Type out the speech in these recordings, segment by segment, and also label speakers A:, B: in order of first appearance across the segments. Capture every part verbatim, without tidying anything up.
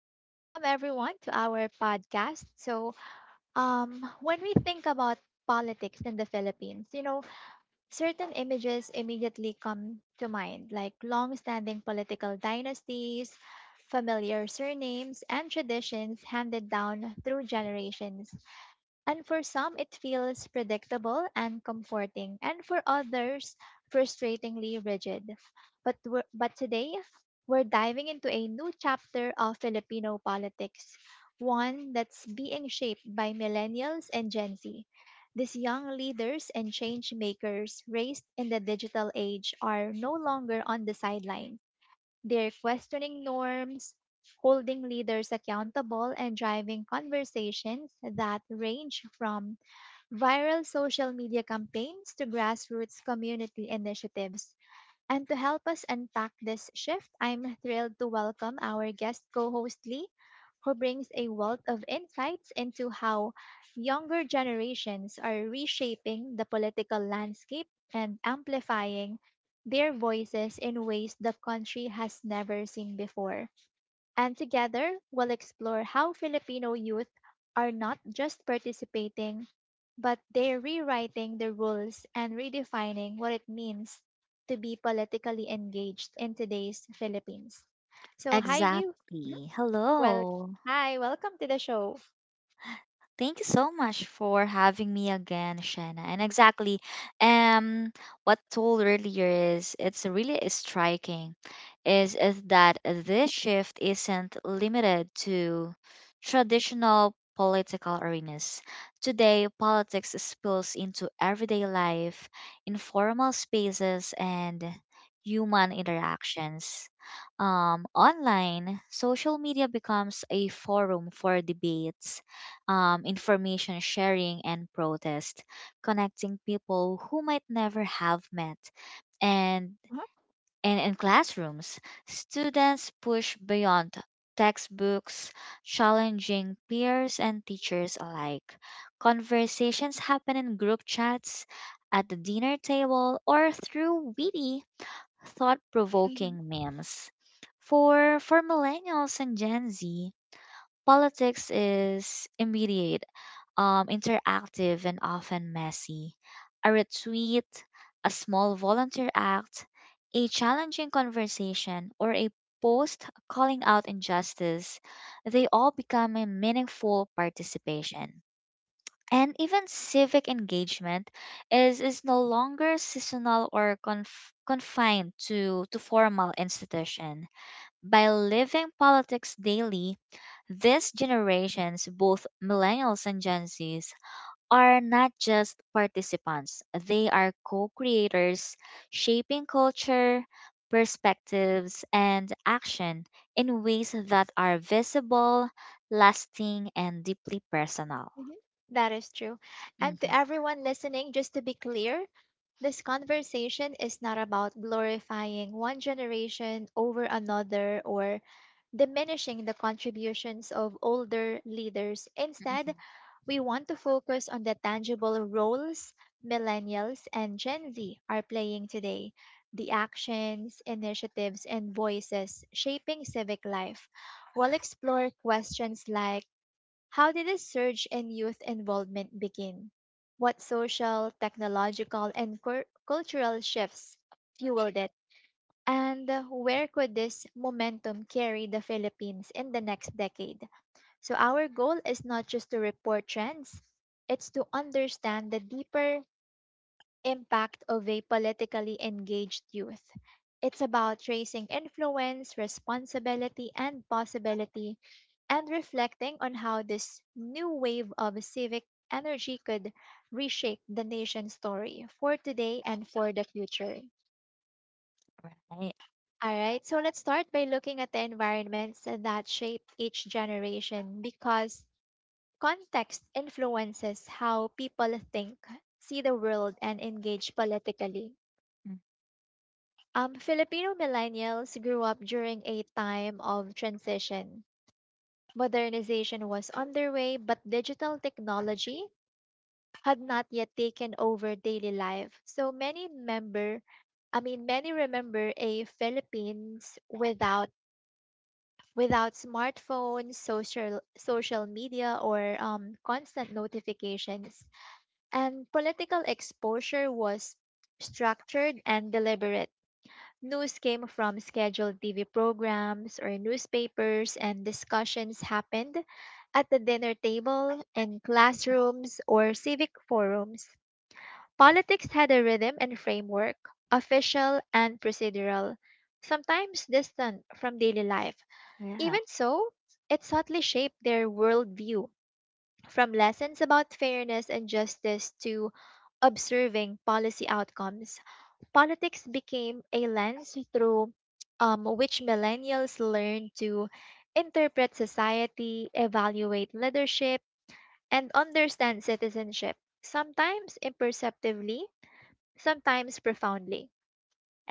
A: Hi, welcome everyone to our podcast. So, um, when we think about politics in the Philippines, you know, certain images immediately come to mind, like long-standing political dynasties, familiar surnames, and traditions handed down through generations. And for some, it feels predictable and comforting, and for others, frustratingly rigid. But, we're, but today, we're diving into a new chapter of Filipino politics, one that's being shaped by millennials and Gen Z. These young leaders and change makers raised in the digital age are no longer on the sidelines. They're questioning norms, holding leaders accountable, and driving conversations that range from viral social media campaigns to grassroots community initiatives. And to help us unpack this shift, I'm thrilled to welcome our guest co host Lee, who brings a wealth of insights into how younger generations are reshaping the political landscape and amplifying their voices in ways the country has never seen before. And together, we'll explore how Filipino youth are not just participating, but they're rewriting the rules and redefining what it means to be politically engaged in today's Philippines. So, hi, Liu. Mhm.
B: Exactly.
A: Well,
B: Hello.
A: hi, welcome to the show.
B: Thank you so much for having me again, Shanna. And exactly, um, what told earlier is it's really striking, is is that this shift isn't limited to traditional political arenas. Today, politics spills into everyday life, informal spaces, and human interactions. Um, online, social media becomes a forum for debates, um, information sharing, and protest, connecting people who might never have met. And, and in classrooms, students push beyond textbooks, challenging peers and teachers alike. Conversations happen in group chats, at the dinner table, or through witty, thought
A: Mhm.
B: provoking memes. For, for millennials and Gen Z, politics is immediate, um, interactive, and often messy. A retweet, a small volunteer act, a challenging conversation, or a post calling out injustice, they all become a meaningful participation. And even civic engagement is, is no longer seasonal or conf- confined to, to formal institution by living politics daily. These generations, both millennials and Gen Zs, are not just participants, they are co creators, shaping culture, perspectives, and action in ways that are visible, lasting, and deeply personal.
A: Mhm. That is true. And to
B: hmm
A: everyone listening, just to be clear, this conversation is not about glorifying one generation over another or diminishing the contributions of older leaders.
B: hmm
A: Instead, we want to focus on the tangible roles millennials and Gen Z are playing today, the actions, initiatives, and voices shaping civic life. We'll explore questions like, how did the surge in youth involvement begin? What social, technological, and cur- cultural shifts fueled it? And where could this momentum carry the Philippines in the next decade? So, our goal is not just to report trends, it's to understand the deeper impact of a politically engaged youth. It's about tracing influence, responsibility, and possibility, and reflecting on how this new wave of civic energy could reshape the nation's story for today and for the future.
B: Right.
A: All right, so let's start by looking at the environments that shape each generation, because context influences how people think, see the world, and engage politically.
B: Mm,
A: Um, Filipino millennials grew up during a time of transition. Modernization was underway, but digital technology had not yet taken over daily life. So many member, I mean, many remember a Philippines without without smartphones, social social media, or um, constant notifications. And political exposure was structured and deliberate. News came from scheduled T V programs or newspapers, and discussions happened at the dinner table, in classrooms, or civic forums. Politics had a rhythm and framework, official and procedural, sometimes distant from daily life.
B: Yeah.
A: Even so, it subtly shaped their worldview, from lessons about fairness and justice to observing policy outcomes. Politics became a lens through um, which millennials learn to interpret society, evaluate leadership, and understand citizenship, sometimes imperceptibly, sometimes profoundly.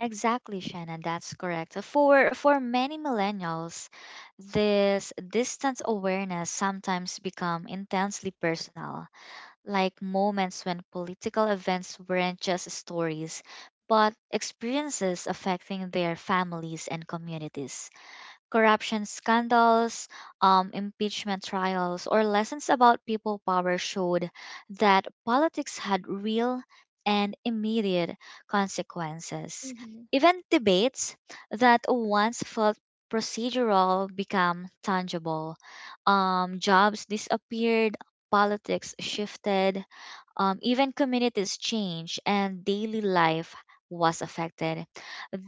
B: Exactly, Shannon, that's correct. For for many millennials, this distance awareness sometimes become intensely personal, like moments when political events weren't just stories, but experiences affecting their families and communities. Corruption scandals, um, impeachment trials, or lessons about people power showed that politics had real and immediate consequences.
A: Mm-hmm.
B: Even debates that once felt procedural become tangible. Um, jobs disappeared, politics shifted, um, even communities changed, and daily life was affected.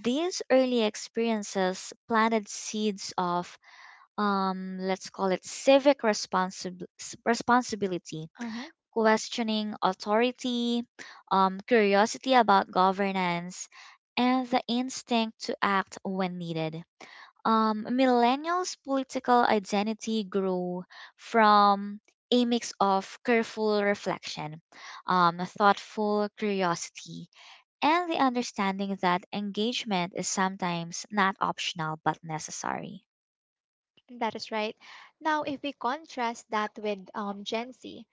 B: These early experiences planted seeds of, um, let's call it, civic responsi- responsibility,
A: Uh-huh.
B: questioning authority, um, curiosity about governance, and the instinct to act when needed. Um, millennials' political identity grew from a mix of careful reflection, um, thoughtful curiosity, and the understanding that engagement is sometimes not optional but necessary.
A: That is right. Now, if we contrast that with um, Gen Z,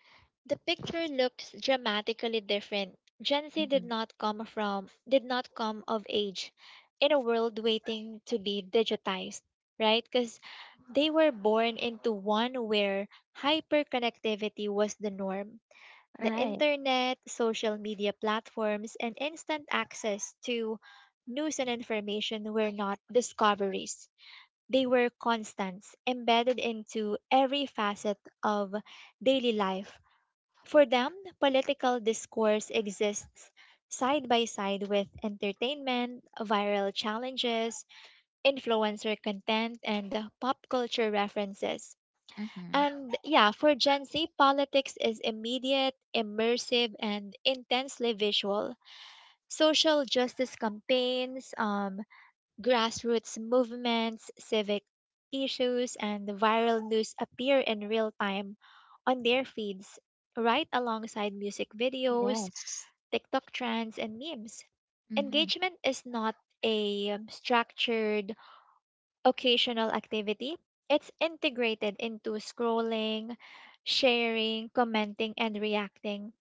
A: the picture looks dramatically different. Gen Z did
B: hmm
A: not come from did not come of age in a world waiting to be digitized, right? Cuz they were born into one where hyperconnectivity was the norm. The
B: Right.
A: internet, social media platforms, and instant access to news and information were not discoveries. They were constants embedded into every facet of daily life. For them, political discourse exists side by side with entertainment, viral challenges, influencer content, and pop culture references.
B: hmm
A: And yeah, for Gen Z, politics is immediate, immersive, and intensely visual. Social justice campaigns, um, grassroots movements, civic issues, and the viral news appear in real time on their feeds, right alongside music videos,
B: Yes.
A: TikTok trends, and memes.
B: Mm-hmm.
A: Engagement is not a um, structured, occasional activity, it's integrated into scrolling, sharing, commenting, and reacting.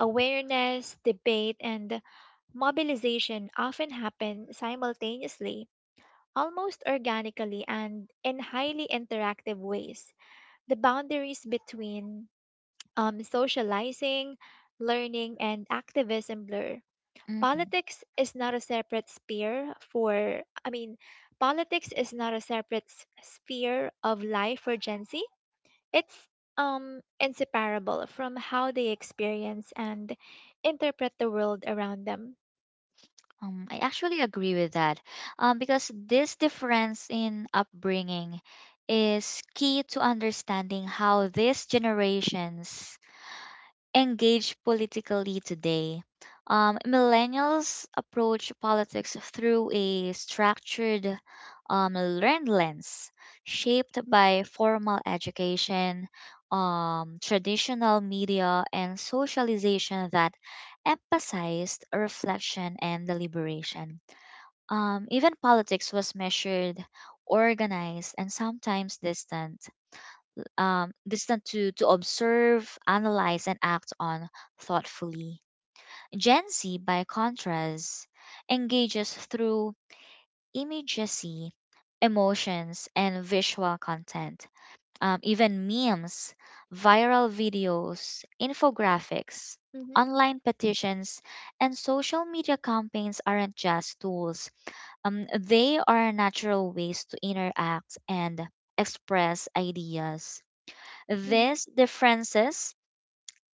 A: Awareness, debate, and mobilization often happen simultaneously, almost organically and in highly interactive ways. The boundaries between um, socializing, learning, and activism blur.
B: Mm-hmm.
A: Politics is not a separate sphere for, I mean, politics is not a separate s- sphere of life for Gen Z. It's um, inseparable from how they experience and interpret the world around them.
B: Um, I actually agree with that, um, because this difference in upbringing is key to understanding how these generations engage politically today. Um, millennials approach politics through a structured, um, learned lens, shaped by formal education, um, traditional media, and socialization that emphasized reflection and deliberation. Um, even politics was measured, organized, and sometimes distant, um, distant to, to observe, analyze, and act on thoughtfully. Gen Z, by contrast, engages through immediacy, emotions, and visual content. Um, even memes, viral videos, infographics,
A: Mm-hmm.
B: online petitions, and social media campaigns aren't just tools. Um, they are natural ways to interact and express ideas.
A: Mm-hmm.
B: These differences,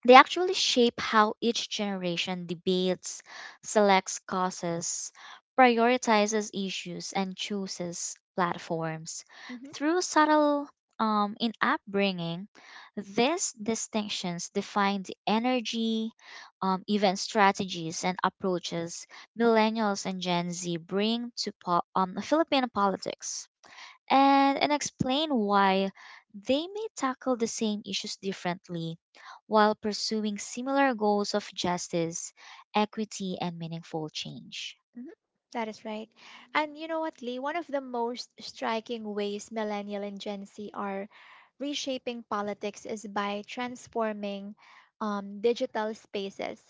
B: they actually shape how each generation debates, selects causes, prioritizes issues, and chooses platforms. Through subtle, um, in upbringing, these distinctions define the energy, um, even strategies and approaches millennials and Gen Z bring to po- um, Filipino politics, and, and explain why they may tackle the same issues differently while pursuing similar goals of justice, equity, and meaningful change.
A: Mhm. That is right. And you know what, Lee? One of the most striking ways millennial and Gen Z are reshaping politics is by transforming um, digital spaces.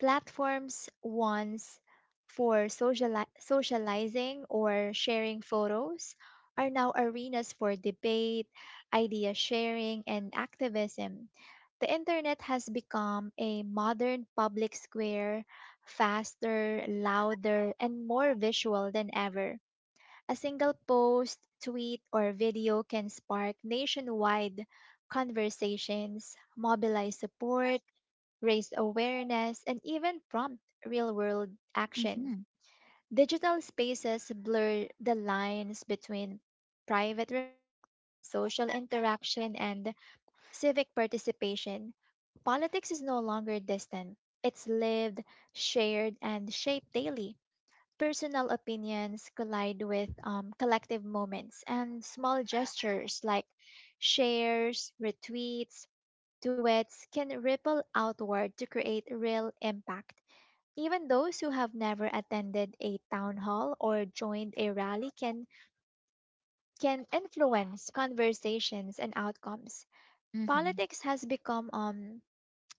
A: Platforms once for sociali- socializing or sharing photos are now arenas for debate, idea sharing, and activism. The internet has become a modern public square, faster, louder, and more visual than ever. A single post, tweet, or video can spark nationwide conversations, mobilize support, raise awareness, and even prompt real world action.
B: Mm-hmm.
A: Digital spaces blur the lines between private reflection, social interaction, and civic participation. Politics is no longer distant. It's lived, shared, and shaped daily. Personal opinions collide with um, collective moments, and small gestures like shares, retweets, duets can ripple outward to create real impact. Even those who have never attended a town hall or joined a rally can, can influence conversations and outcomes.
B: Mm-hmm.
A: Politics has become um,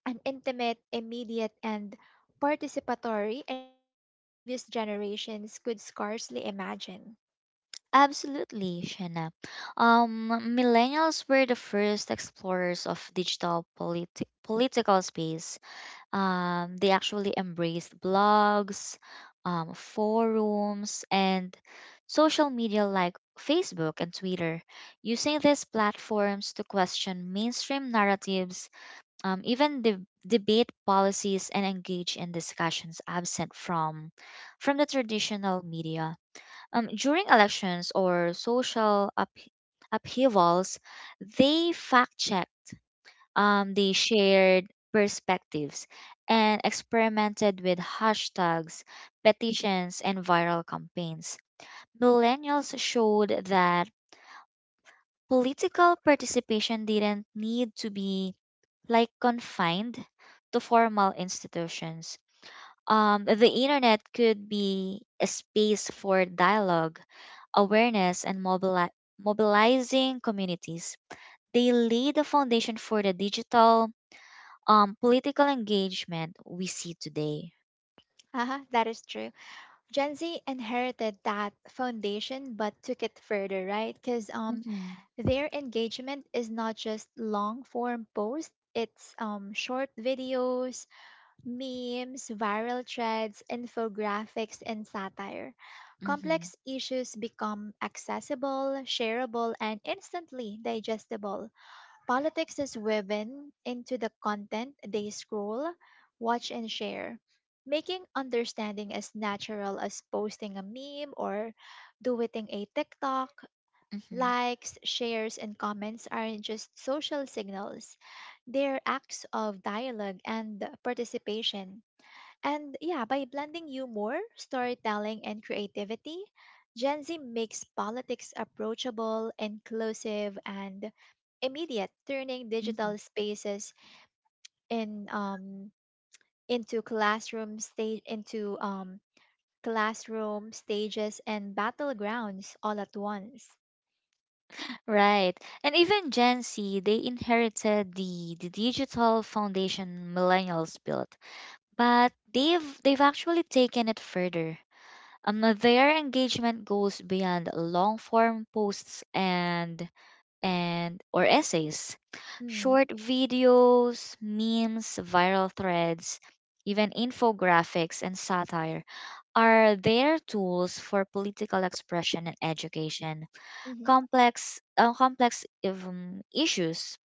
A: an intimate, immediate, and participatory in ways previous generations could scarcely imagine.
B: Absolutely, Shanna. Um, Millennials were the first explorers of digital politi- political space. Um, they actually embraced blogs, um, forums, and social media like Facebook and Twitter, using these platforms to question mainstream narratives, um, even de- debate policies, and engage in discussions absent from from the traditional media. Um, during elections or social up- upheavals, they fact check um, they shared perspectives and experimented with hashtags, petitions, and viral campaigns. Millennials showed that political participation didn't need to be like confined to formal institutions. Um, the internet could be a space for dialogue, awareness, and mobili- mobilizing communities. They laid the foundation for the digital, um, political engagement we see today.
A: Haha, that is true. Gen Z inherited that foundation but took it further, right? Because um,
B: Mhm.
A: their engagement is not just long form posts, it's um, short videos, memes, viral threads, infographics, and satire.
B: hmm
A: Complex issues become accessible, shareable, and instantly digestible. Politics is woven into the content they scroll, watch, and share, making understanding as natural as posting a meme or doing a TikTok.
B: hmm
A: Likes, shares, and comments aren't just social signals, they're acts of dialogue and participation. And yeah, by blending humor, storytelling, and creativity, Gen Z makes politics approachable, inclusive, and immediate, turning digital
B: Mhm.
A: spaces in um into classroom stage into um classroom stages and battlegrounds all at once.
B: Right. And even Gen Z, they inherited the, the digital foundation millennials built, but they've they've actually taken it further. Um, their engagement goes beyond long form posts and and or essays.
A: Mm.
B: Short videos, memes, viral threads, even infographics and satire are there tools for political expression and education?
A: Mm-hmm.
B: Complex, uh, complex um, issues,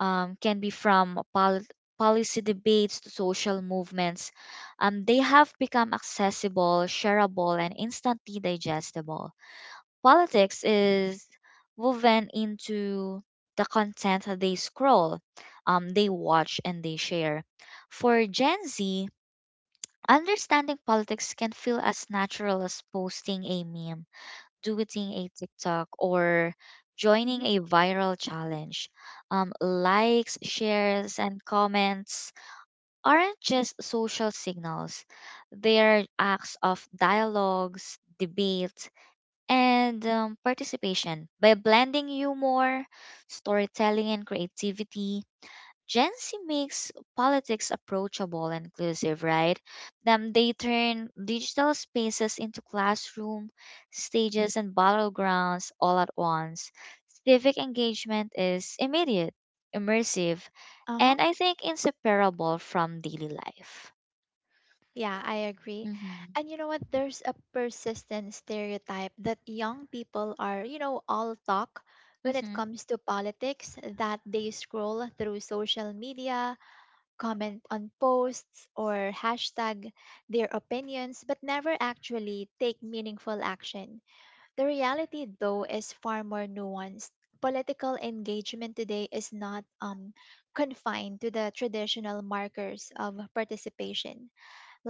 B: um, can be from pol- policy debates to social movements. Um, they have become accessible, shareable, and instantly digestible. Politics is woven into the content they scroll, um, they watch, and they share. For Gen Z, understanding politics can feel as natural as posting a meme, doing a TikTok, or joining
A: Mm-hmm.
B: a viral challenge. Um, likes, shares, and comments aren't just social signals, they're acts of dialogues, debate, and, um, participation. By blending humor, storytelling, and creativity, Gen Z makes politics approachable and inclusive, right? Then they turn digital spaces into classroom, stages, and battlegrounds all at once. Civic engagement is immediate, immersive, and
A: Uh-huh.
B: I think inseparable from daily life.
A: Yeah, I agree.
B: Mm-hmm.
A: And you know what? There's a persistent stereotype that young people are, you know, all talk when it
B: Mm-hmm.
A: comes to politics, that they scroll through social media, comment on posts, or hashtag their opinions, but never actually take meaningful action. The reality, though, is far more nuanced. Political engagement today is not um, confined to the traditional markers of participation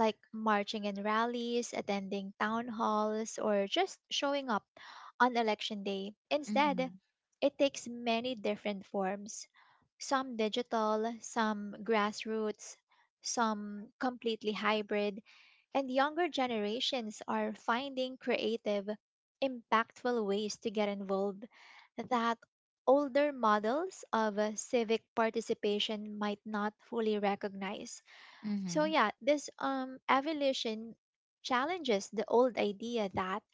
A: like marching in rallies, attending town halls, or just showing up on election day.
B: Mm-hmm.
A: Instead, it takes many different forms, some digital, some grassroots, some completely hybrid, and younger generations are finding creative, impactful ways to get involved that older models of uh, civic participation might not fully recognize.
B: Mm-hmm.
A: So yeah, this um evolution challenges the old idea that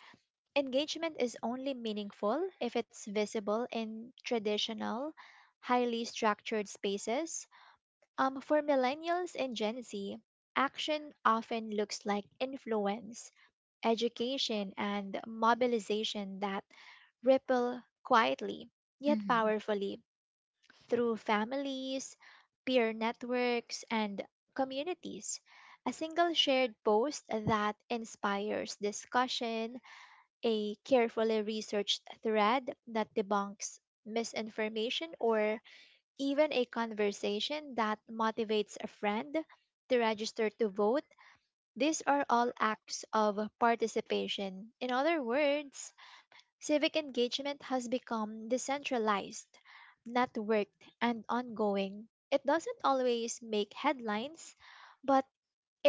A: engagement is only meaningful if it's visible in traditional, highly structured spaces. Um, for millennials and Gen Z, action often looks like influence, education, and mobilization that ripple quietly yet
B: Mm-hmm.
A: powerfully through families, peer networks, and communities. A single shared post that inspires discussion, a carefully researched thread that debunks misinformation, or even a conversation that motivates a friend to register to vote. These are all acts of participation. In other words, civic engagement has become decentralized, networked, and ongoing. It doesn't always make headlines, but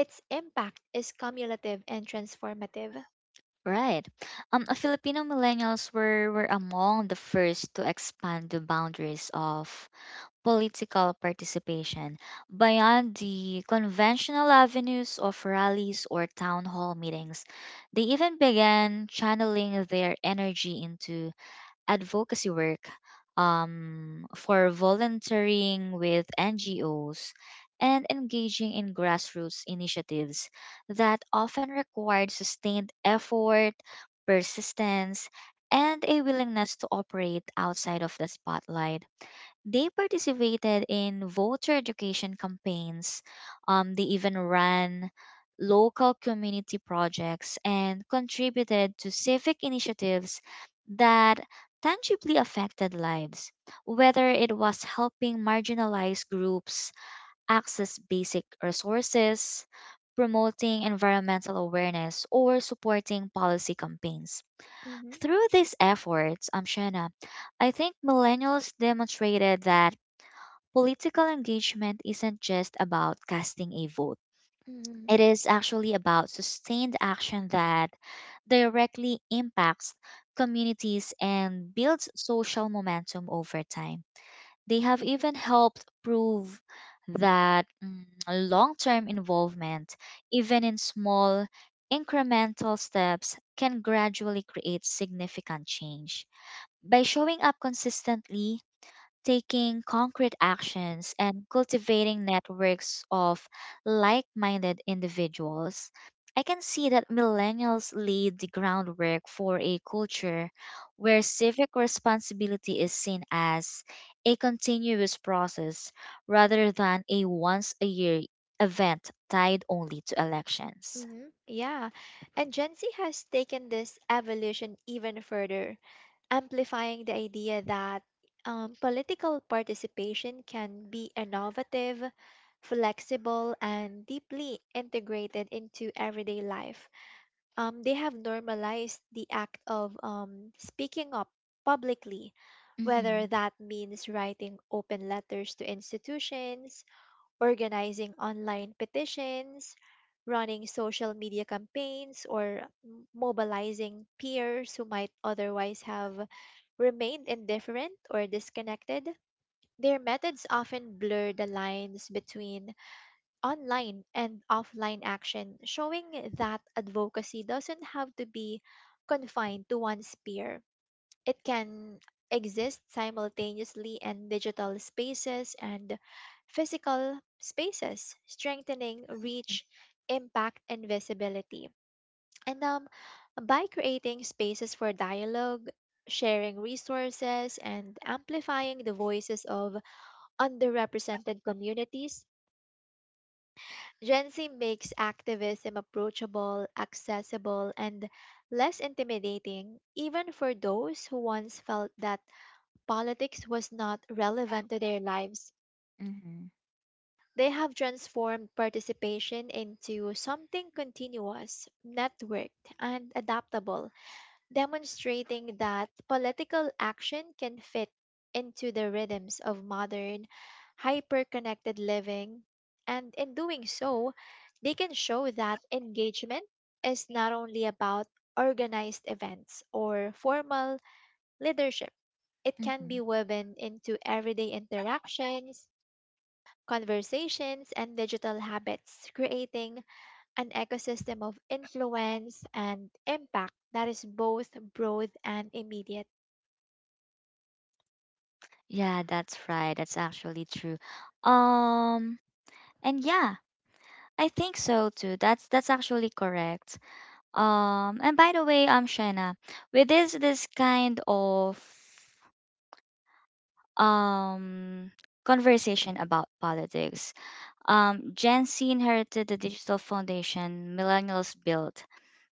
A: its impact is cumulative and transformative.
B: Right. Um, uh, Filipino millennials were, were among the first to expand the boundaries of political participation beyond the conventional avenues of rallies or town hall meetings. They even began channeling their energy into advocacy work, um, for volunteering with N G Os and engaging in grassroots initiatives that often required sustained effort, persistence, and a willingness to operate outside of the spotlight. They participated in voter education campaigns. Um, they even ran local community projects and contributed to civic initiatives that tangibly affected lives, whether it was helping marginalized groups access basic resources, promoting environmental awareness, or supporting policy campaigns.
A: Mhm.
B: Through these efforts, um, Shana, I think millennials demonstrated that political engagement isn't just about casting a vote.
A: Mhm.
B: It is actually about sustained action that directly impacts communities and builds social momentum over time. They have
A: Mhm.
B: even helped prove that, mm, long term involvement, even in small incremental steps, can gradually create significant change. By showing up consistently, taking concrete actions, and cultivating networks of like minded individuals, I can see that millennials laid the groundwork for a culture where civic responsibility is seen as a continuous process rather than a once a year event tied only to elections.
A: Mhm. Yeah, and Gen Z has taken this evolution even further, amplifying the idea that um, political participation can be innovative, flexible, and deeply integrated into everyday life. um, they have normalized the act of um, speaking up publicly,
B: Mhm,
A: whether that means writing open letters to institutions, organizing online petitions, running social media campaigns, or m- mobilizing peers who might otherwise have remained indifferent or disconnected. Their methods often blur the lines between online and offline action, showing that advocacy doesn't have to be confined to one sphere. It can exist simultaneously in digital spaces and physical spaces, strengthening reach, impact, and visibility. And um, by creating spaces for dialogue, sharing resources, and amplifying the voices of underrepresented communities, Gen Z makes activism approachable, accessible, and less intimidating, even for those who once felt that politics was not relevant to their lives.
B: mhm,
A: They have transformed participation into something continuous, networked, and adaptable, demonstrating that political action can fit into the rhythms of modern, hyper connected living. And in doing so, they can show that engagement is not only about organized events or formal leadership, it can be
B: mhm.
A: woven into everyday interactions, conversations and digital habits, creating an ecosystem of influence and impact that is both broad and immediate.
B: Yeah, that's right. That's actually true. Um, and yeah, I think so too. That's that's actually correct. Um, and by the way, um, Shena, with this this kind of um conversation about politics, um, Gen Z inherited the digital foundation millennials built,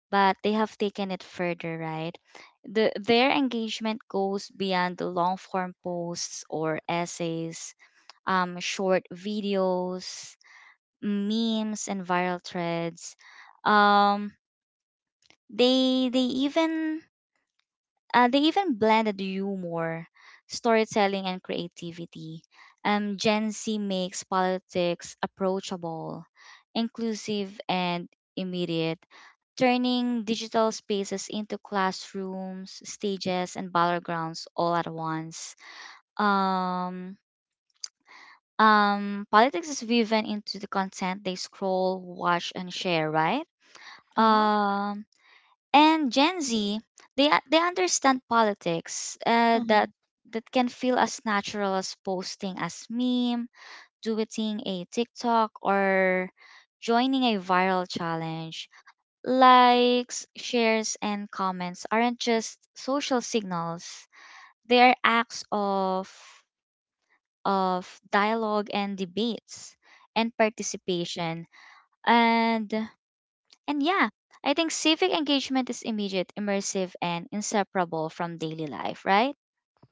B: but they have taken it further, right? The their engagement goes beyond the long form posts or essays, um, short videos, memes, and viral threads. Um, They they even uh, they even blended humor, storytelling, and creativity. Um, Gen Z makes politics approachable, inclusive, and immediate, turning digital spaces into classrooms, stages, and battlegrounds all at once. Um, um, Politics is woven into the content they scroll, watch, and share, right?
A: Uh huh.
B: Um, And Gen Z, they u- they understand politics, uh,
A: Uh huh.
B: that that can feel as natural as posting a meme, doing a TikTok, or joining a viral challenge. Likes, shares, and comments aren't just social signals; they are acts of, of dialogue and debates and participation. And and yeah, I think civic engagement is immediate, immersive, and inseparable from daily life, right?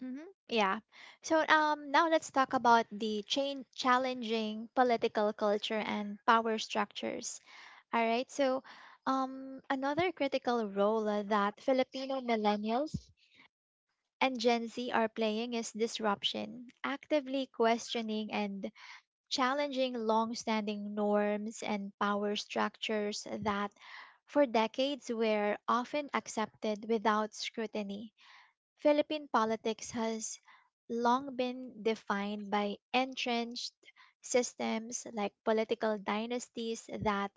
A: Mm-hmm. Yeah. So um, now let's talk about the chain challenging political culture and power structures. All right. So um, another critical role uh, that Filipino millennials and Gen Z are playing is disruption, actively questioning and challenging long-standing norms and power structures that for decades were often accepted without scrutiny. Philippine politics has long been defined by entrenched systems like political dynasties that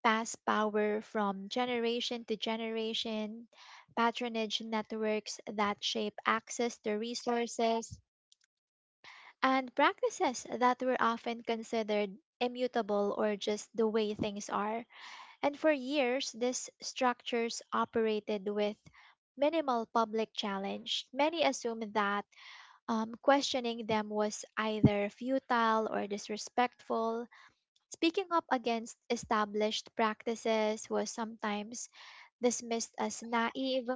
A: pass power from generation to generation, patronage networks that shape access to resources, and practices that were often considered immutable or just the way things are. And for years, these structures operated with minimal public challenge. Many assumed that um, questioning them was either futile or disrespectful. Speaking up against established practices was sometimes dismissed as naive,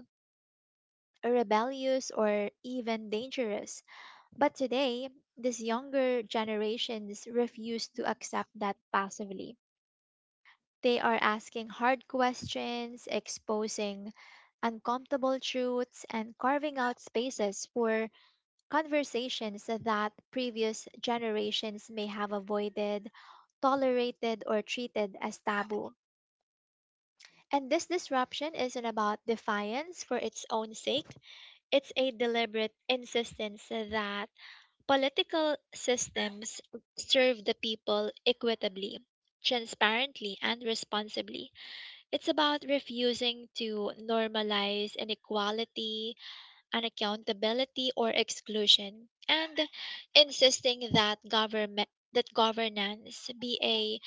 A: rebellious, or even dangerous. But today, these younger generations refuse to accept that passively. They are asking hard questions, exposing uncomfortable truths, and carving out spaces for conversations that previous generations may have avoided, tolerated, or treated as taboo. And this disruption isn't about defiance for its own sake. It's a deliberate insistence that political systems serve the people equitably, transparently, and responsibly. It's about refusing to normalize inequality, unaccountability, or exclusion, and insisting that government that governance be a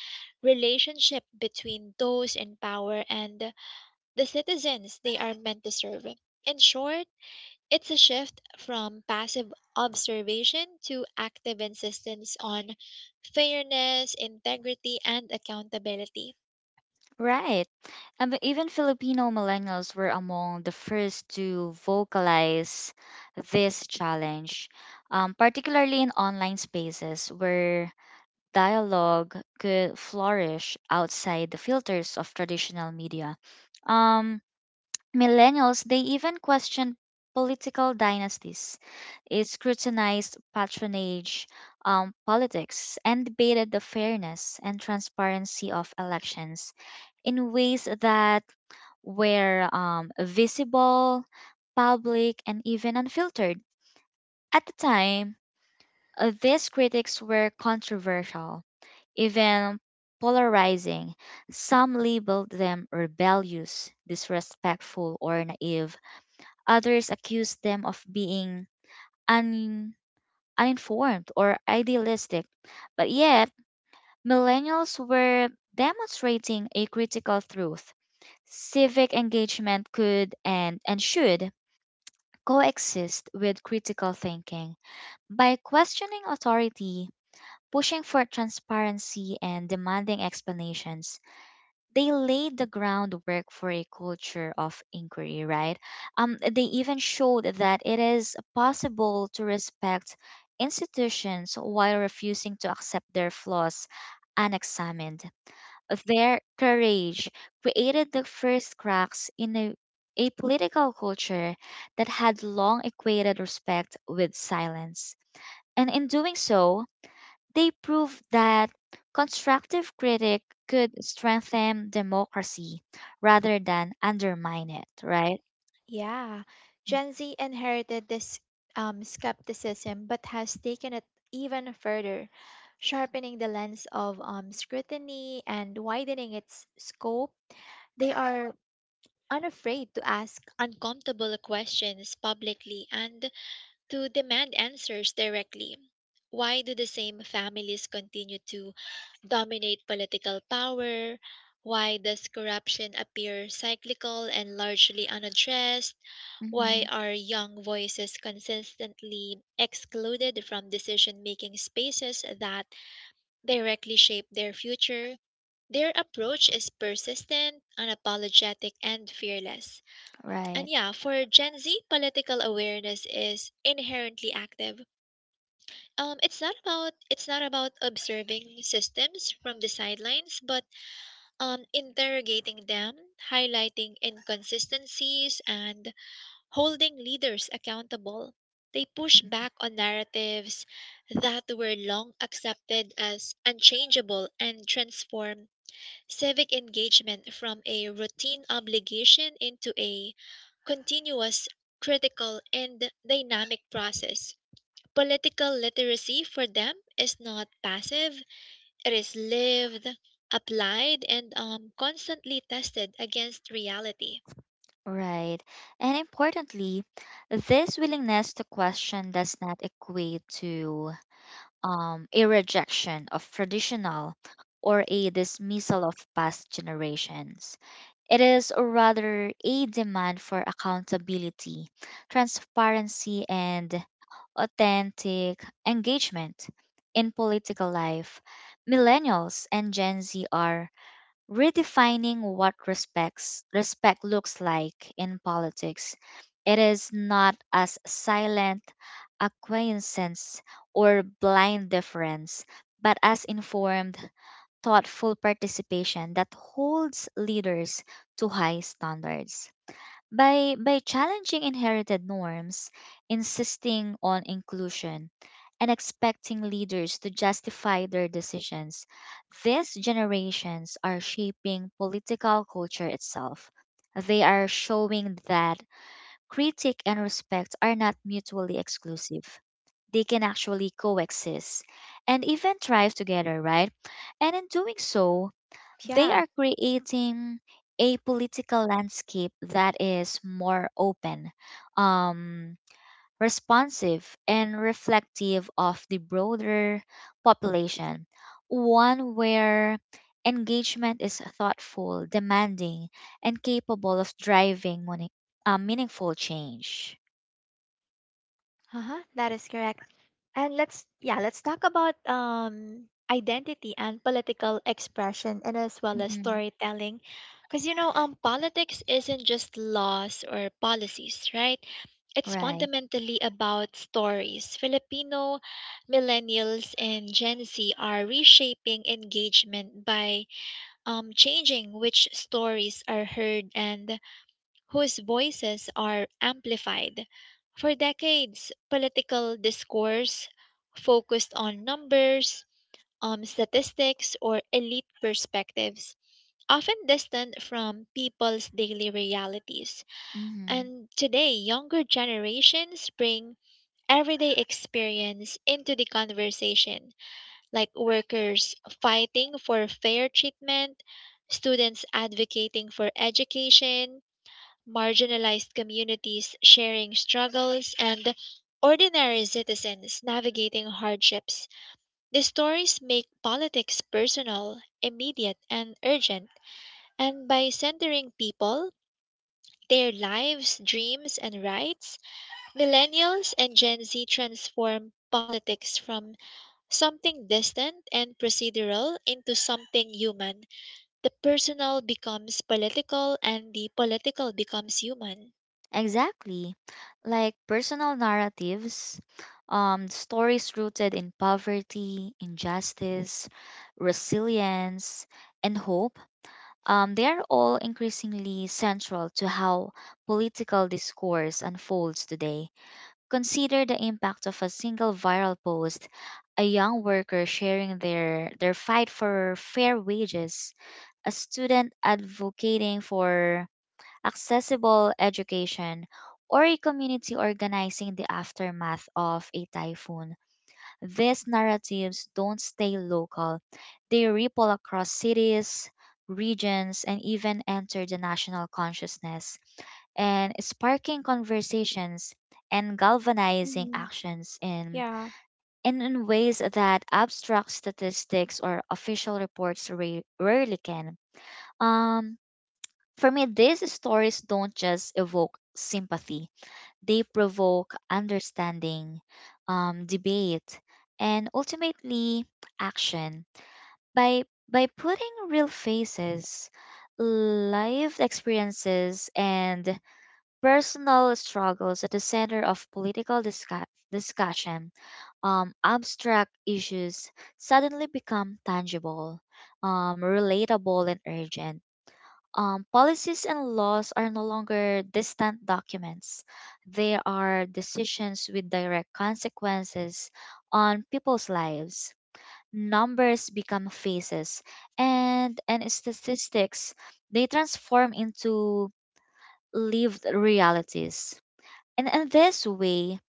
A: relationship between those in power and the citizens they are meant to serve. In short, it's a shift from passive observation to active insistence on fairness, integrity, and accountability.
B: Right. And but even Filipino millennials were among the first to vocalize this challenge, um, particularly in online spaces where dialogue could flourish outside the filters of traditional media. Um, Millennials, they even question political dynasties, it scrutinized patronage, um, politics, and debated the fairness and transparency of elections in ways that were, um, visible, public, and even unfiltered. At the time, uh, these critics were controversial, even polarizing. Some labeled them rebellious, disrespectful, or naive. Others accuse them of being un- uninformed or idealistic, but yet millennials were demonstrating a critical truth. Civic engagement could and, and should coexist with critical thinking. By questioning authority, pushing for transparency, and demanding explanations, they laid the groundwork for a culture of inquiry, right? Um, they even showed that it is possible to respect institutions while refusing to accept their flaws unexamined. Their courage created the first cracks in a, a political culture that had long equated respect with silence. And in doing so, they proved that constructive critic could strengthen democracy rather than undermine it, right?
A: Yeah, Gen Z inherited this um, skepticism but has taken it even further, sharpening the lens of um, scrutiny and widening its scope. They are unafraid to ask uncomfortable questions publicly and to demand answers directly. Why do the same families continue to dominate political power? Why does corruption appear cyclical and largely unaddressed? Why
B: hmm
A: are young voices consistently excluded from decision making spaces that directly shape their future? Their approach is persistent, unapologetic, and fearless. And
B: Right,
A: yeah, for Gen Z, political awareness is inherently active. Um, it's not about it's not about observing systems from the sidelines, but um, interrogating them, highlighting inconsistencies, and holding leaders accountable. They push back on narratives that were long accepted as unchangeable and transform civic engagement from a routine obligation into a continuous, critical, and dynamic process. Political literacy for them is not passive, it is lived, applied, and um, constantly tested against reality.
B: right. And importantly, this willingness to question does not equate to, um, a rejection of traditional or a dismissal of past generations. It is rather a demand for accountability, transparency, and authentic engagement in political life. Millennials and Gen Z are redefining what respects respect looks like in politics. It is not as silent acquiescence or blind deference, but as informed thoughtful participation that holds leaders to high standards. By, by challenging inherited norms, insisting on inclusion, and expecting leaders to justify their decisions, these generations are shaping political culture itself. They are showing that critique and respect are not mutually exclusive. They can actually coexist and even thrive together, right? And in doing so, they
A: Yeah,
B: are creating a political landscape that is more open, um, responsive, and reflective of the broader population. One where engagement is thoughtful, demanding, and capable of driving moni- uh, meaningful change.
A: Uh-huh, that is correct. And let's yeah, let's talk about um identity and political expression and as well as
B: Mhm.
A: storytelling. Cuz you know, um politics isn't just laws or policies, right? It's
B: Right.
A: fundamentally about stories. Filipino millennials and Gen Z are reshaping engagement by um, changing which stories are heard and whose voices are amplified. For decades, political discourse focused on numbers, um, statistics, or elite perspectives, often distant from people's daily realities.
B: hmm
A: And today, younger generations bring everyday experience into the conversation, like workers fighting for fair treatment, students advocating for education, marginalized communities sharing struggles, and ordinary citizens navigating hardships. The stories make politics personal, immediate, and urgent, and by centering people, their lives, dreams, and rights, millennials and Gen Z transform politics from something distant and procedural into something human. The personal becomes political, and the political becomes human.
B: Exactly. Like personal narratives, um, stories rooted in poverty, injustice, resilience, and hope, um, they are all increasingly central to how political discourse unfolds today. Consider the impact of a single viral post, a young worker sharing their, their fight for fair wages, a student advocating for accessible education, or a community organizing the aftermath of a typhoon. These narratives don't stay local, they ripple across cities, regions, and even enter the national consciousness, and sparking conversations and galvanizing
A: Mhm.
B: actions in, in, in ways that abstract statistics or official reports ra- rarely can. Um, for me, these stories don't just evoke sympathy, they provoke understanding, um, debate, and ultimately action. By, by putting real faces, lived experiences, and personal struggles at the center of political discu- discussion, um, abstract issues suddenly become tangible, um, relatable, and urgent. Um, policies and laws are no longer distant documents. They are decisions with direct consequences on people's lives. Numbers become faces, and, and statistics, they transform into lived realities. And in this way,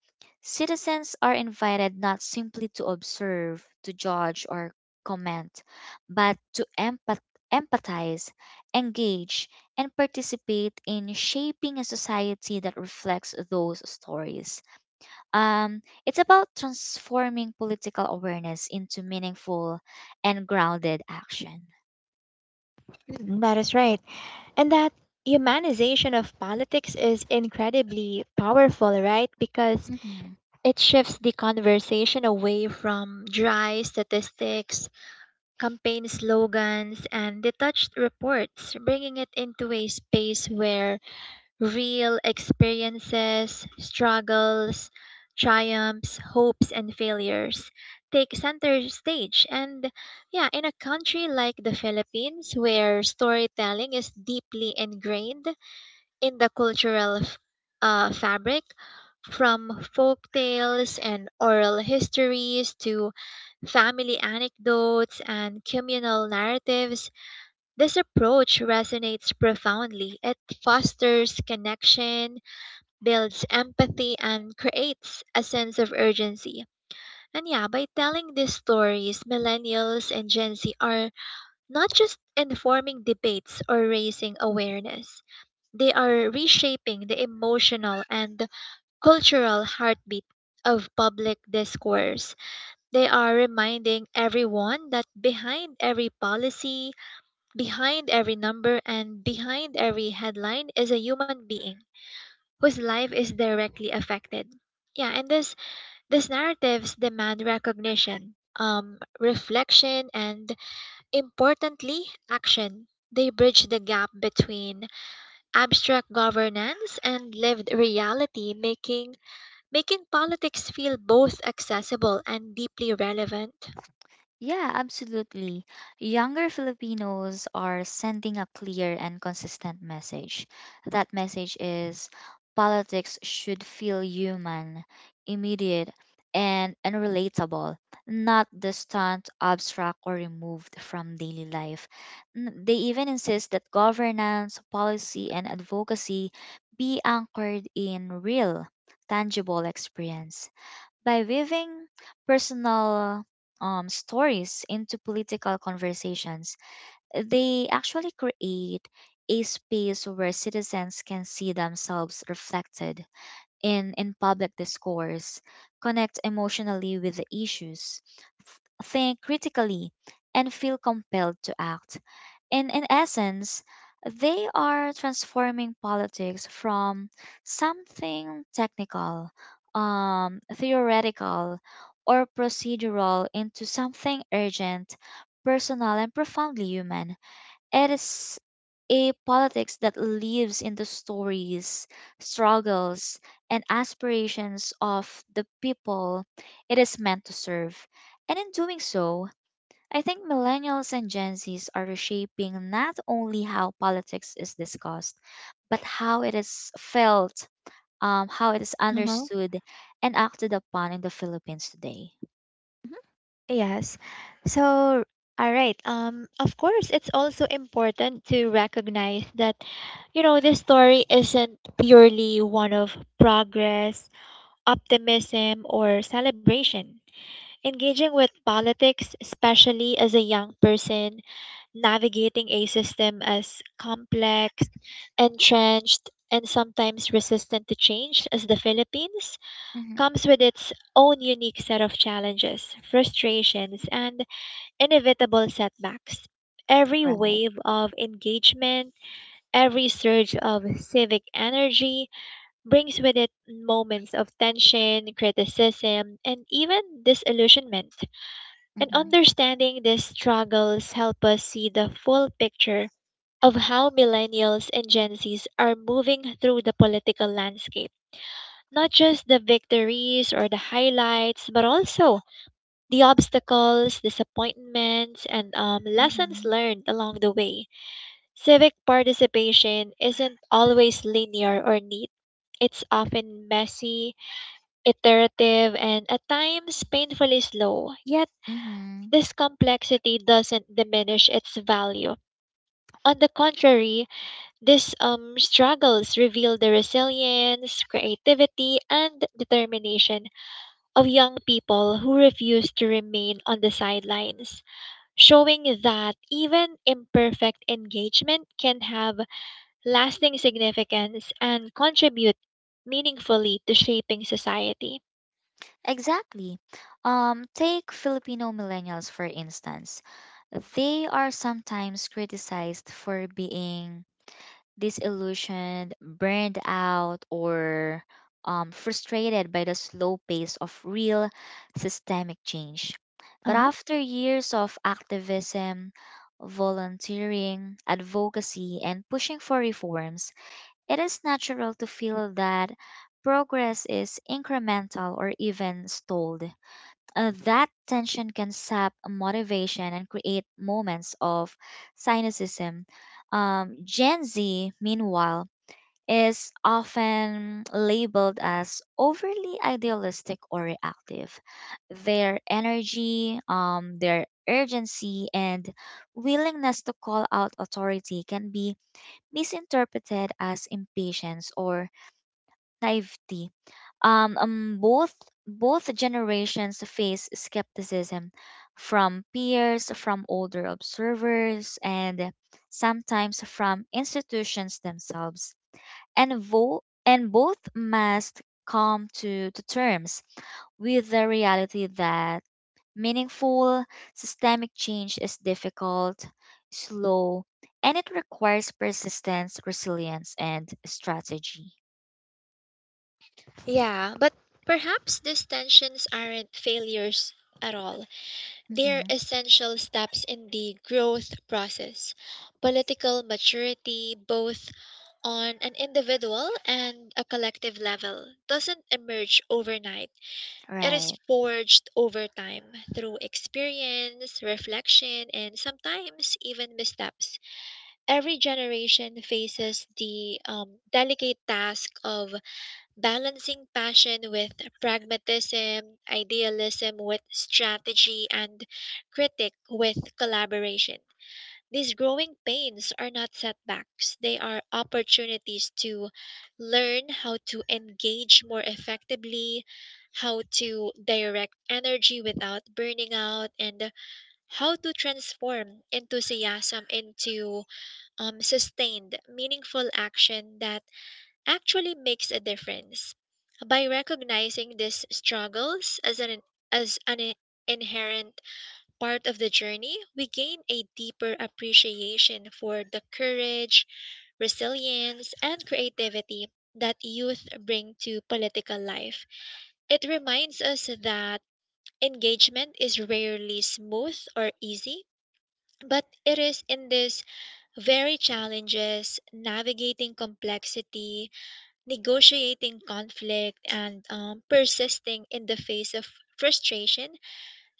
B: citizens are invited not simply to observe, to judge, or comment, but to empath- empathize, engage, and participate in shaping a society that reflects those stories. Um, it's about transforming political awareness into meaningful and grounded action.
A: Mhm, that is right. And that humanization of politics is incredibly powerful, right? Because
B: Mm-hmm.
A: it shifts the conversation away from dry statistics, campaign slogans, and detached reports, bringing it into a space where real experiences, struggles, triumphs, hopes, and failures take center stage. And yeah, in a country like the Philippines, where storytelling is deeply ingrained in the cultural f- uh, fabric, from folk tales and oral histories to family anecdotes and communal narratives, this approach resonates profoundly. It fosters connection, builds empathy, and creates a sense of urgency. And yeah, by telling these stories, millennials and Gen Z are not just informing debates or raising awareness, they are reshaping the emotional and cultural heartbeat of public discourse. They are reminding everyone that behind every policy, behind every number, and behind every headline is a human being whose life is directly affected. Yeah, and this these narratives demand recognition, um, reflection, and importantly, action. They bridge the gap between abstract governance and lived reality, making making politics feel both accessible and deeply relevant.
B: Yeah, absolutely. Younger Filipinos are sending a clear and consistent message. That message is politics should feel human, immediate, and, and relatable, not distant, abstract, or removed from daily life. N- They even insist that governance, policy, and advocacy be anchored in real, tangible experience. By weaving personal um, stories into political conversations, they actually create a space where citizens can see themselves reflected in, in public discourse, connect emotionally with the issues, th- think critically, and feel compelled to act. In, in essence, they are transforming politics from something technical, um, theoretical, or procedural into something urgent, personal, and profoundly human. It is a politics that lives in the stories, struggles, and aspirations of the people it is meant to serve. And in doing so, I think millennials and Gen Zs are reshaping not only how politics is discussed, but how it is felt, um, how it is
A: Uh-huh.
B: understood and acted upon in the Philippines today.
A: Yes. So, all right. Um, of course, it's also important to recognize that, you know, this story isn't purely one of progress, optimism, or celebration. Engaging with politics, especially as a young person, navigating a system as complex, entrenched, and sometimes resistant to change as the Philippines,
B: Hmm.
A: comes with its own unique set of challenges, frustrations, and inevitable setbacks. Every
B: Right.
A: wave of engagement, every surge of civic energy brings with it moments of tension, criticism, and even disillusionment. And
B: Hmm.
A: understanding these struggles help us see the full picture of how millennials and Gen Zs are moving through the political landscape. Not just the victories or the highlights, but also the obstacles, disappointments, and um, lessons
B: Hmm.
A: learned along the way. Civic participation isn't always linear or neat. It's often messy, iterative, and at times painfully slow. Yet,
B: Mm-hmm.
A: this complexity doesn't diminish its value. On the contrary, these um, struggles reveal the resilience, creativity, and determination of young people who refuse to remain on the sidelines, showing that even imperfect engagement can have lasting significance and contribute meaningfully to shaping society.
B: Exactly. Um, take Filipino millennials, for instance. They are sometimes criticized for being disillusioned, burned out, or um, frustrated by the slow pace of real systemic change.
A: Uh
B: But
A: huh.
B: after years of activism, volunteering, advocacy, and pushing for reforms, it is natural to feel that progress is incremental or even stalled. Uh, that tension can sap motivation and create moments of cynicism. Um, Gen Z, meanwhile, is often labeled as overly idealistic or reactive. Their energy, um, their urgency, and willingness to call out authority can be misinterpreted as impatience or naivety. Um, um, both both generations face skepticism from peers, from older observers, and sometimes from institutions themselves. And, vo- and both must come to, to terms with the reality that meaningful systemic change is difficult, slow, and it requires persistence, resilience, and strategy.
A: Yeah, but perhaps these tensions aren't failures at all. They're
B: Hmm.
A: essential steps in the growth process. Political maturity, both on an individual and a collective level, doesn't emerge overnight. It is
B: Right.
A: forged over time through experience, reflection, and sometimes even missteps. Every generation faces the um, delicate task of balancing passion with pragmatism, idealism with strategy, and critic with collaboration. These growing pains are not setbacks, they are opportunities to learn how to engage more effectively, how to direct energy without burning out, and how to transform enthusiasm into um, sustained, meaningful action that actually makes a difference. By recognizing these struggles as an as an inherent part of the journey, we gain a deeper appreciation for the courage, resilience, and creativity that youth bring to political life. It reminds us that engagement is rarely smooth or easy, but it is in these very challenges, navigating complexity, negotiating conflict, and um, persisting in the face of frustration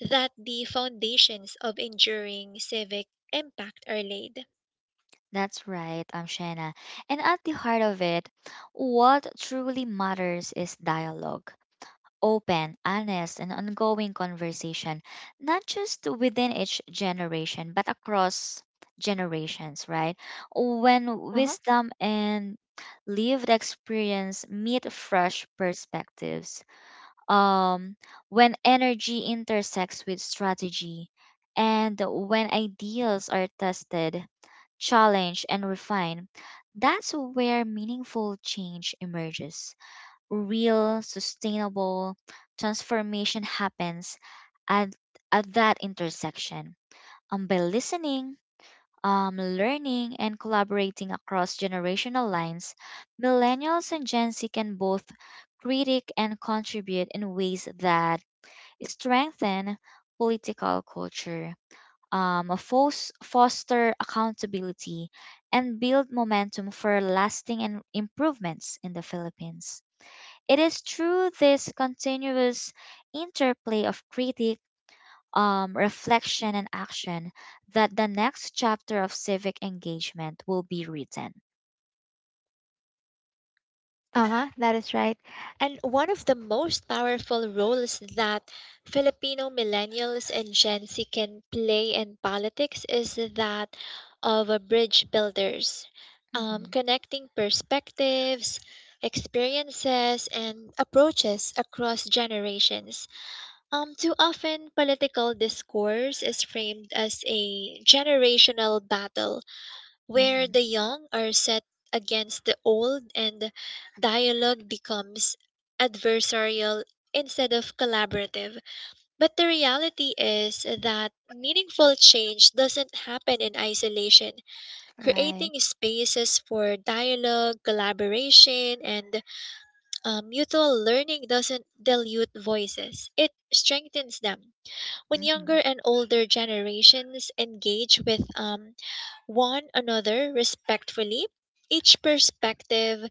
A: that the foundations of enduring civic impact are laid.
B: That's right, um, Shanna. And at the heart of it, what truly matters is dialogue. Open, honest, and ongoing conversation, not just within each generation, but across generations, right? When wisdom and lived experience meet fresh perspectives, um, when energy intersects with strategy, and when ideals are tested, challenged, and refined, that's where meaningful change emerges. Real sustainable transformation happens at, at that intersection. Um, by listening, um, learning, and collaborating across generational lines, millennials and Gen Z can both critique and contribute in ways that strengthen political culture, um, fos- foster accountability, and build momentum for lasting and improvements in the Philippines. It is through this continuous interplay of critique, um, reflection, and action that the next chapter of civic engagement will be written.
A: Uh huh, that is right. And one of the most powerful roles that Filipino millennials and Gen Z can play in politics is that of a bridge builders, um,
B: Mhm,
A: connecting perspectives, experiences, and approaches across generations. Um, too often, political discourse is framed as a generational battle where
B: mhm.
A: the young are set against the old and dialogue becomes adversarial instead of collaborative. But the reality is that meaningful change doesn't happen in isolation.
B: Right.
A: Creating spaces for dialogue, collaboration, and uh, mutual learning doesn't dilute voices, it strengthens them when younger
B: Mhm.
A: and older generations engage with um, one another respectfully, each perspective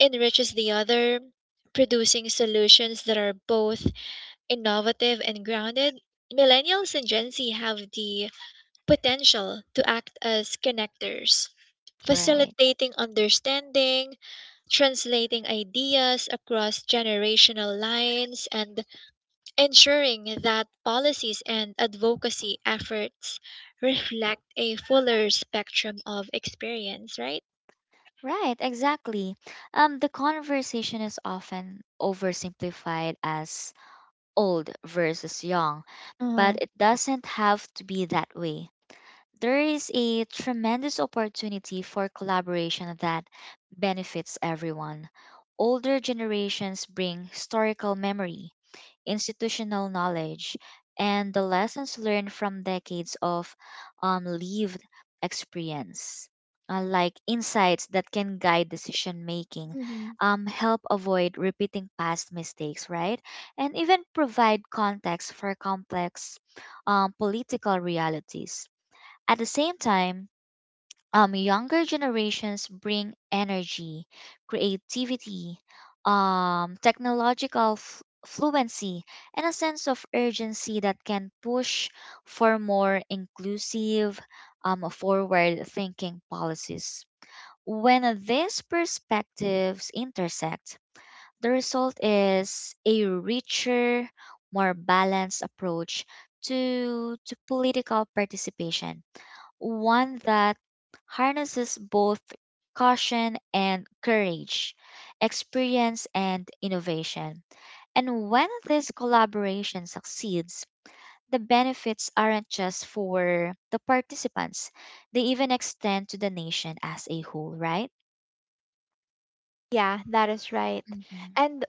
A: enriches the other, producing solutions that are both innovative and grounded. Millennials and Gen Z have the potential to act as connectors,
B: Right.
A: facilitating understanding, translating ideas across generational lines, and ensuring that policies and advocacy efforts reflect a fuller spectrum of experience, right?
B: Right, exactly. Um, the conversation is often oversimplified as old versus young,
A: Hmm.
B: but it doesn't have to be that way. There is a tremendous opportunity for collaboration that benefits everyone. Older generations bring historical memory, institutional knowledge, and the lessons learned from decades of um, lived experience. Uh, like insights that can guide decision making,
A: Hmm.
B: um, help avoid repeating past mistakes, right? And even provide context for complex um, political realities. At the same time, um, younger generations bring energy, creativity, um, technological f- fluency, and a sense of urgency that can push for more inclusive, um, forward thinking policies. When these perspectives intersect, the result is a richer, more balanced approach to, to political participation, one that harnesses both caution and courage, experience and innovation. And when this collaboration succeeds, the benefits aren't just for the participants, they even extend to the nation as a whole, right?
A: Yeah, that is right.
B: Mm-hmm.
A: And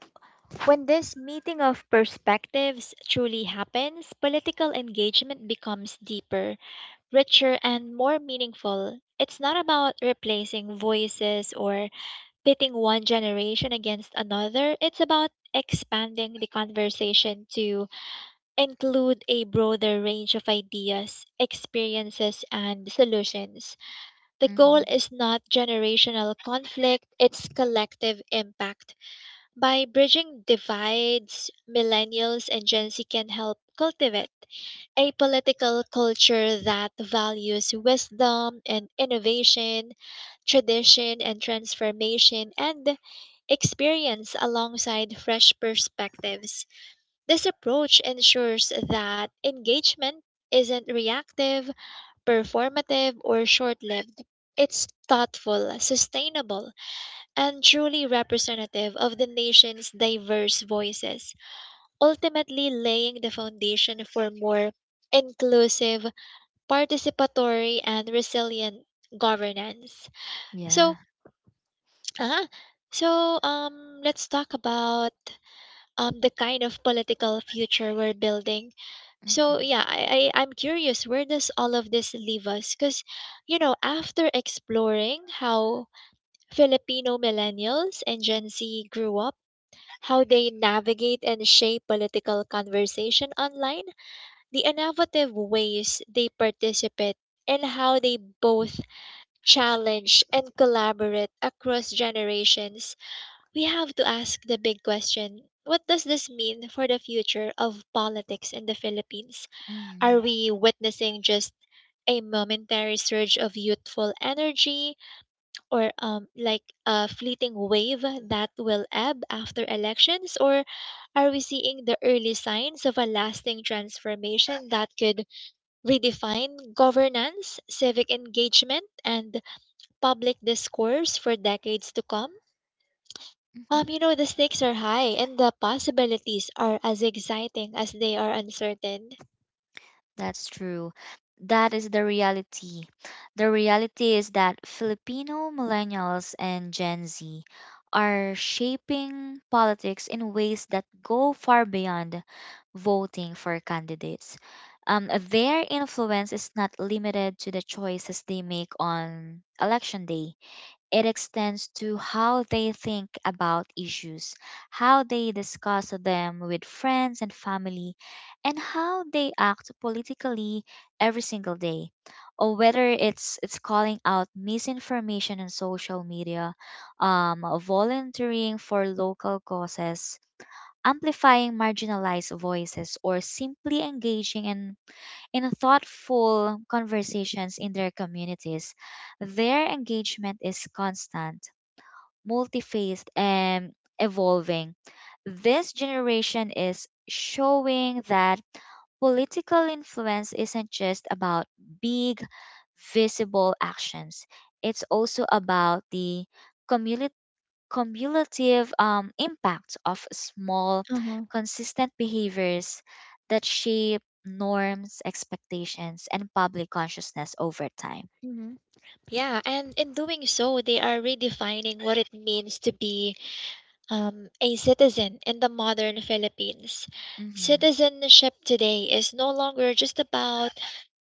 A: when this meeting of perspectives truly happens, political engagement becomes deeper, richer, and more meaningful. It's not about replacing voices or pitting one generation against another, it's about expanding the conversation to include a broader range of ideas, experiences, and solutions. The goal
B: Mm-hmm.
A: is not generational conflict, it's collective impact. By bridging divides, millennials and Gen Z can help cultivate a political culture that values wisdom and innovation, tradition and transformation, and experience alongside fresh perspectives. This approach ensures that engagement isn't reactive, performative, or short lived. It's thoughtful, sustainable, and truly representative of the nation's diverse voices, ultimately laying the foundation for more inclusive, participatory, and resilient governance. So,
B: Yeah.
A: uh so um, let's talk about um, the kind of political future we're building. So
B: Mm-hmm.
A: yeah, I, I I'm curious where does all of this leave us? Because you know, after exploring how Filipino millennials and Gen Z grew up, how they navigate and shape political conversation online, the innovative ways they participate, and how they both challenge and collaborate across generations, we have to ask the big question. What does this mean for the future of politics in the Philippines? Are
B: Mm-hmm.
A: we witnessing just a momentary surge of youthful energy or um, like a fleeting wave that will ebb after elections? Or are we seeing the early signs of a lasting transformation that could redefine governance, civic engagement, and public discourse for decades to come? Um, you know, the stakes are high and the possibilities are as exciting as they are uncertain.
B: That's true. That is the reality. The reality is that Filipino millennials and Gen Z are shaping politics in ways that go far beyond voting for candidates. Um, their influence is not limited to the choices they make on election day. It extends to how they think about issues, how they discuss them with friends and family, and how they act politically every single day. Or whether it's it's calling out misinformation on social media, um, volunteering for local causes, amplifying marginalized voices, or simply engaging in, in thoughtful conversations in their communities, their engagement is constant, multifaced and evolving. This generation is showing that political influence isn't just about big, visible actions, it's also about the cumulative. Cumulative um, impact of small,
A: Uh-huh.
B: consistent behaviors that shape norms, expectations, and public consciousness over time.
A: Mhm. Yeah, and in doing so, they are redefining what it means to be um, a citizen in the modern Philippines.
B: Mm-hmm.
A: Citizenship today is no longer just about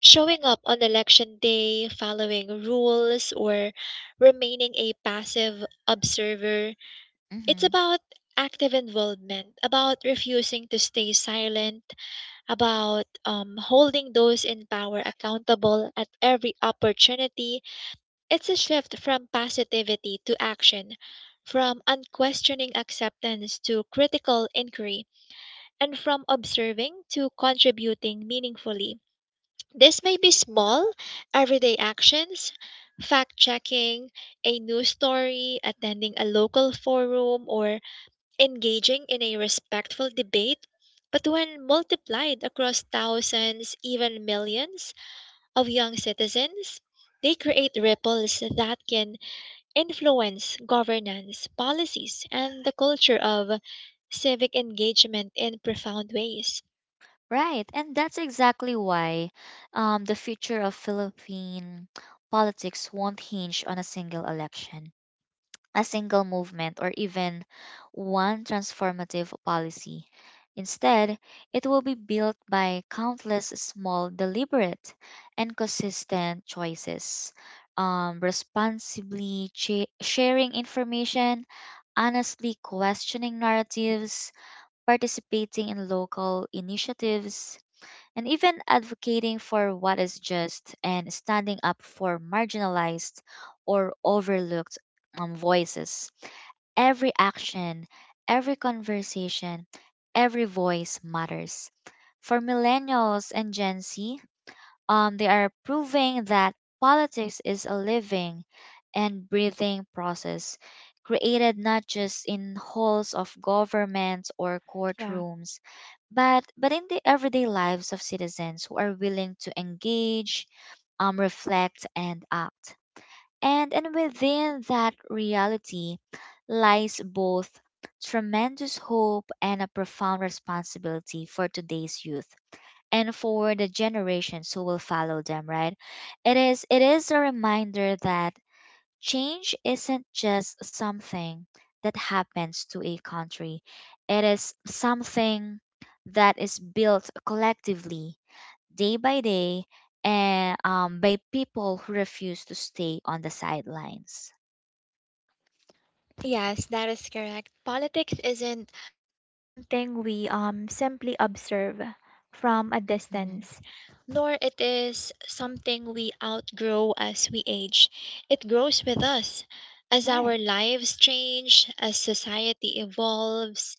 A: showing up on election day, following rules, or remaining a passive observer. It's
B: Mm-hmm.
A: about active involvement, about refusing to stay silent, about um, holding those in power accountable at every opportunity. It's a shift from passivity to action, from unquestioning acceptance to critical inquiry, and from observing to contributing meaningfully. This may be small, everyday actions, fact checking a news story, attending a local forum, or engaging in a respectful debate. But when multiplied across thousands, even millions of young citizens, they create ripples that can influence governance, policies, and the culture of civic engagement in profound ways.
B: Right, and that's exactly why um, the future of Philippine politics won't hinge on a single election, a single movement, or even one transformative policy. Instead, it will be built by countless small, deliberate, and consistent choices, um, responsibly cha- sharing information, honestly questioning narratives, participating in local initiatives and even advocating for what is just and standing up for marginalized or overlooked um, voices. Every action, every conversation, every voice matters. For millennials and Gen Z, um, they are proving that politics is a living and breathing process created not just in halls of government or
A: Yeah.
B: courtrooms, but, but in the everyday lives of citizens who are willing to engage, um, reflect, and act. And, and within that reality lies both tremendous hope and a profound responsibility for today's youth and for the generations who will follow them, right? It is it is a reminder that change isn't just something that happens to a country. It is something that is built collectively, day by day, and um, by people who refuse to stay on the sidelines.
A: Yes, that is correct. Politics isn't something we um simply observe from a
B: Mhm.
A: distance, nor it is something we outgrow as we age. It grows with us as
B: Right.
A: our lives change, as society evolves,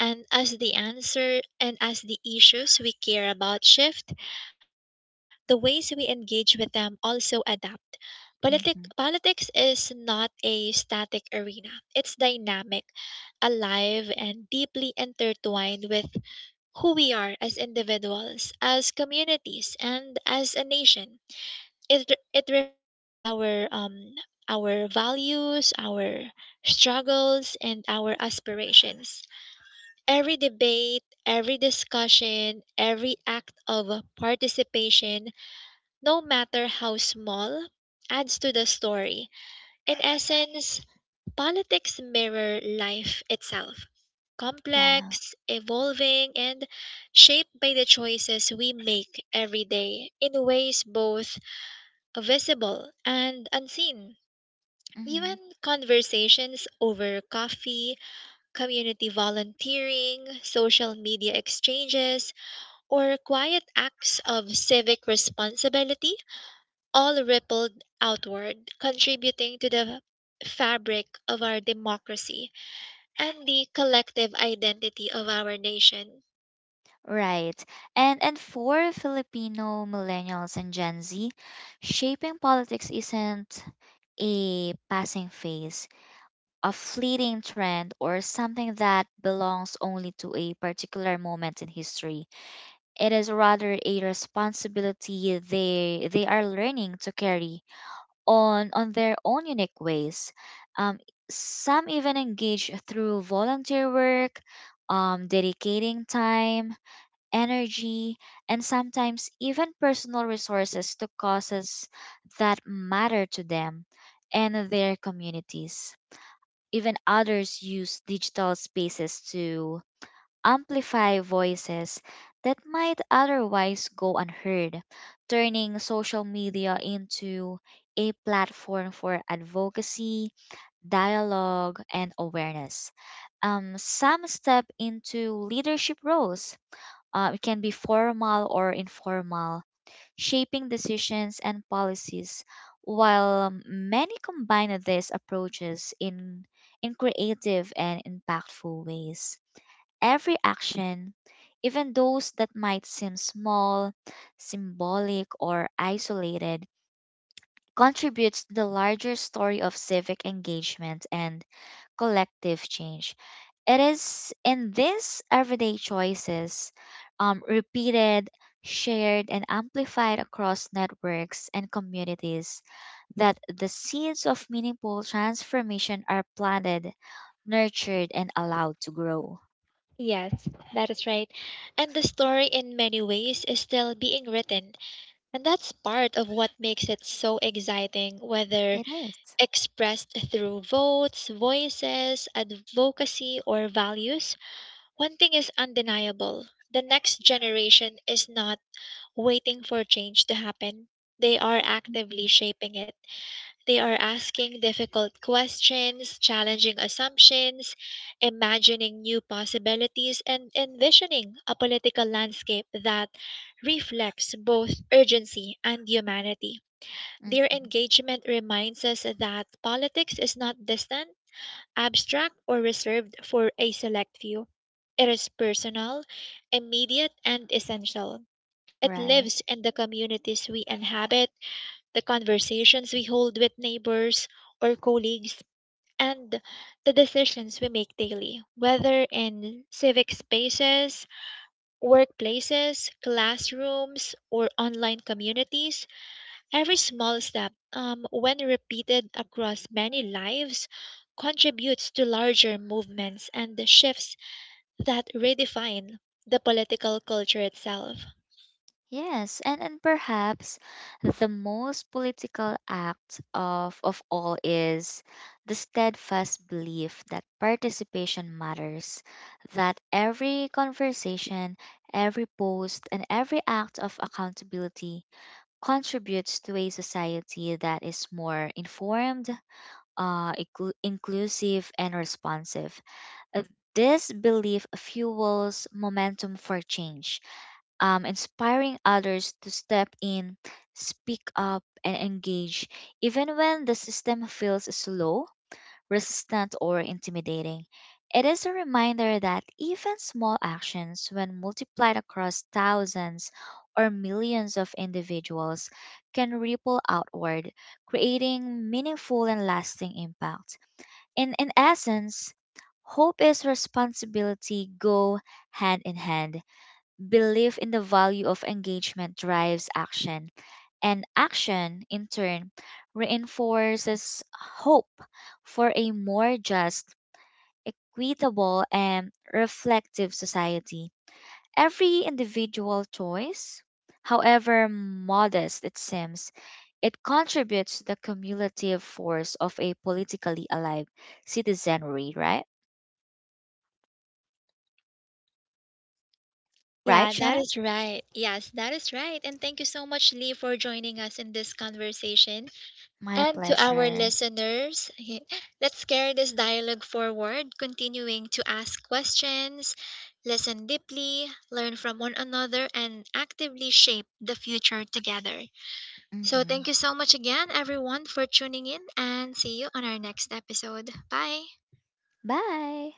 A: and as the answer and as the issues we care about shift. The ways we engage with them also adapt. Politic,
B: Mhm.
A: politics is not a static arena, it's dynamic, alive, and deeply intertwined with who we are as individuals, as communities, and as a nation. It, re- it reflects our um, our values, our struggles, and our aspirations. Every debate, every discussion, every act of participation no matter how small, adds to the story. In essence, politics mirror life itself,
B: Yeah.
A: complex, evolving, and shaped by the choices we make every day in ways both visible and unseen. Even
B: Mhm.
A: conversations over coffee, community volunteering, social media exchanges, or quiet acts of civic responsibility all rippled outward, contributing to the fabric of our democracy and the collective identity of our nation.
B: Right. And and for Filipino millennials and Gen Z, shaping politics isn't a passing phase, a fleeting trend or something that belongs only to a particular moment in history. It is rather a responsibility they they are learning to carry on on their own unique ways. Um, some even engage through volunteer work, um, dedicating time, energy, and sometimes even personal resources to causes that matter to them and their communities. Even others use digital spaces to amplify voices that might otherwise go unheard, turning social media into a platform for advocacy, dialogue, and awareness. Um, some step into leadership roles, uh, it can be formal or informal, shaping decisions and policies. While um, many combine these approaches in, in creative and impactful ways, every action, even those that might seem small, symbolic, or isolated, contributes to the larger story of civic engagement and collective change. It is in these everyday choices, um, repeated, shared, and amplified across networks and communities, that the seeds of meaningful transformation are planted, nurtured, and allowed to grow.
A: Yes, that is right. And the story, in many ways, is still being written, and that's part of what makes it so exciting, whether
B: It is.
A: expressed through votes, voices, advocacy, or values. One thing is undeniable: the next generation is not waiting for change to happen. They are actively
B: Mhm.
A: shaping it. They are asking difficult questions, challenging assumptions, imagining new possibilities, and envisioning a political landscape that reflects both urgency and humanity. Their
B: Mhm.
A: engagement reminds us that politics is not distant, abstract, or reserved for a select few. It is personal, immediate, and essential. It lives
B: Right.
A: in the communities we inhabit, the conversations we hold with neighbors or colleagues, and the decisions we make daily, whether in civic spaces, workplaces, classrooms, or online communities. Every small step, um, when repeated across many lives, contributes to larger movements and shifts that redefine the political culture itself.
B: Yes, and, and perhaps the most political act of, of all is the steadfast belief that participation matters, that every conversation, every post, and every act of accountability contributes to a society that is more informed, uh, inclu- inclusive, and responsive. Uh, This belief fuels momentum for change, um, inspiring others to step in, speak up, and engage, even when the system feels slow, resistant, or intimidating. It is a reminder that even small actions, when multiplied across thousands or millions of individuals, can ripple outward, creating meaningful and lasting impacts. In in essence, hope is responsibility go hand in hand. Belief in the value of engagement drives action, and action in turn reinforces hope for a more just, equitable and reflective society. Every individual choice, however modest it seems, it contributes to the cumulative force of a politically alive citizenry, right? Right,
A: Yeah, that
B: Shanna?
A: is right. Yes, that is right. And thank you so much, Lee, for joining us in this conversation.
B: My
A: And to our
B: pleasure.
A: listeners, let's carry this dialogue forward, continuing to ask questions, listen deeply, learn from one another, and actively shape the future together. So, thank
B: Hmm.
A: you so much again, everyone, for tuning in, and see you on our next episode. Bye.
B: Bye.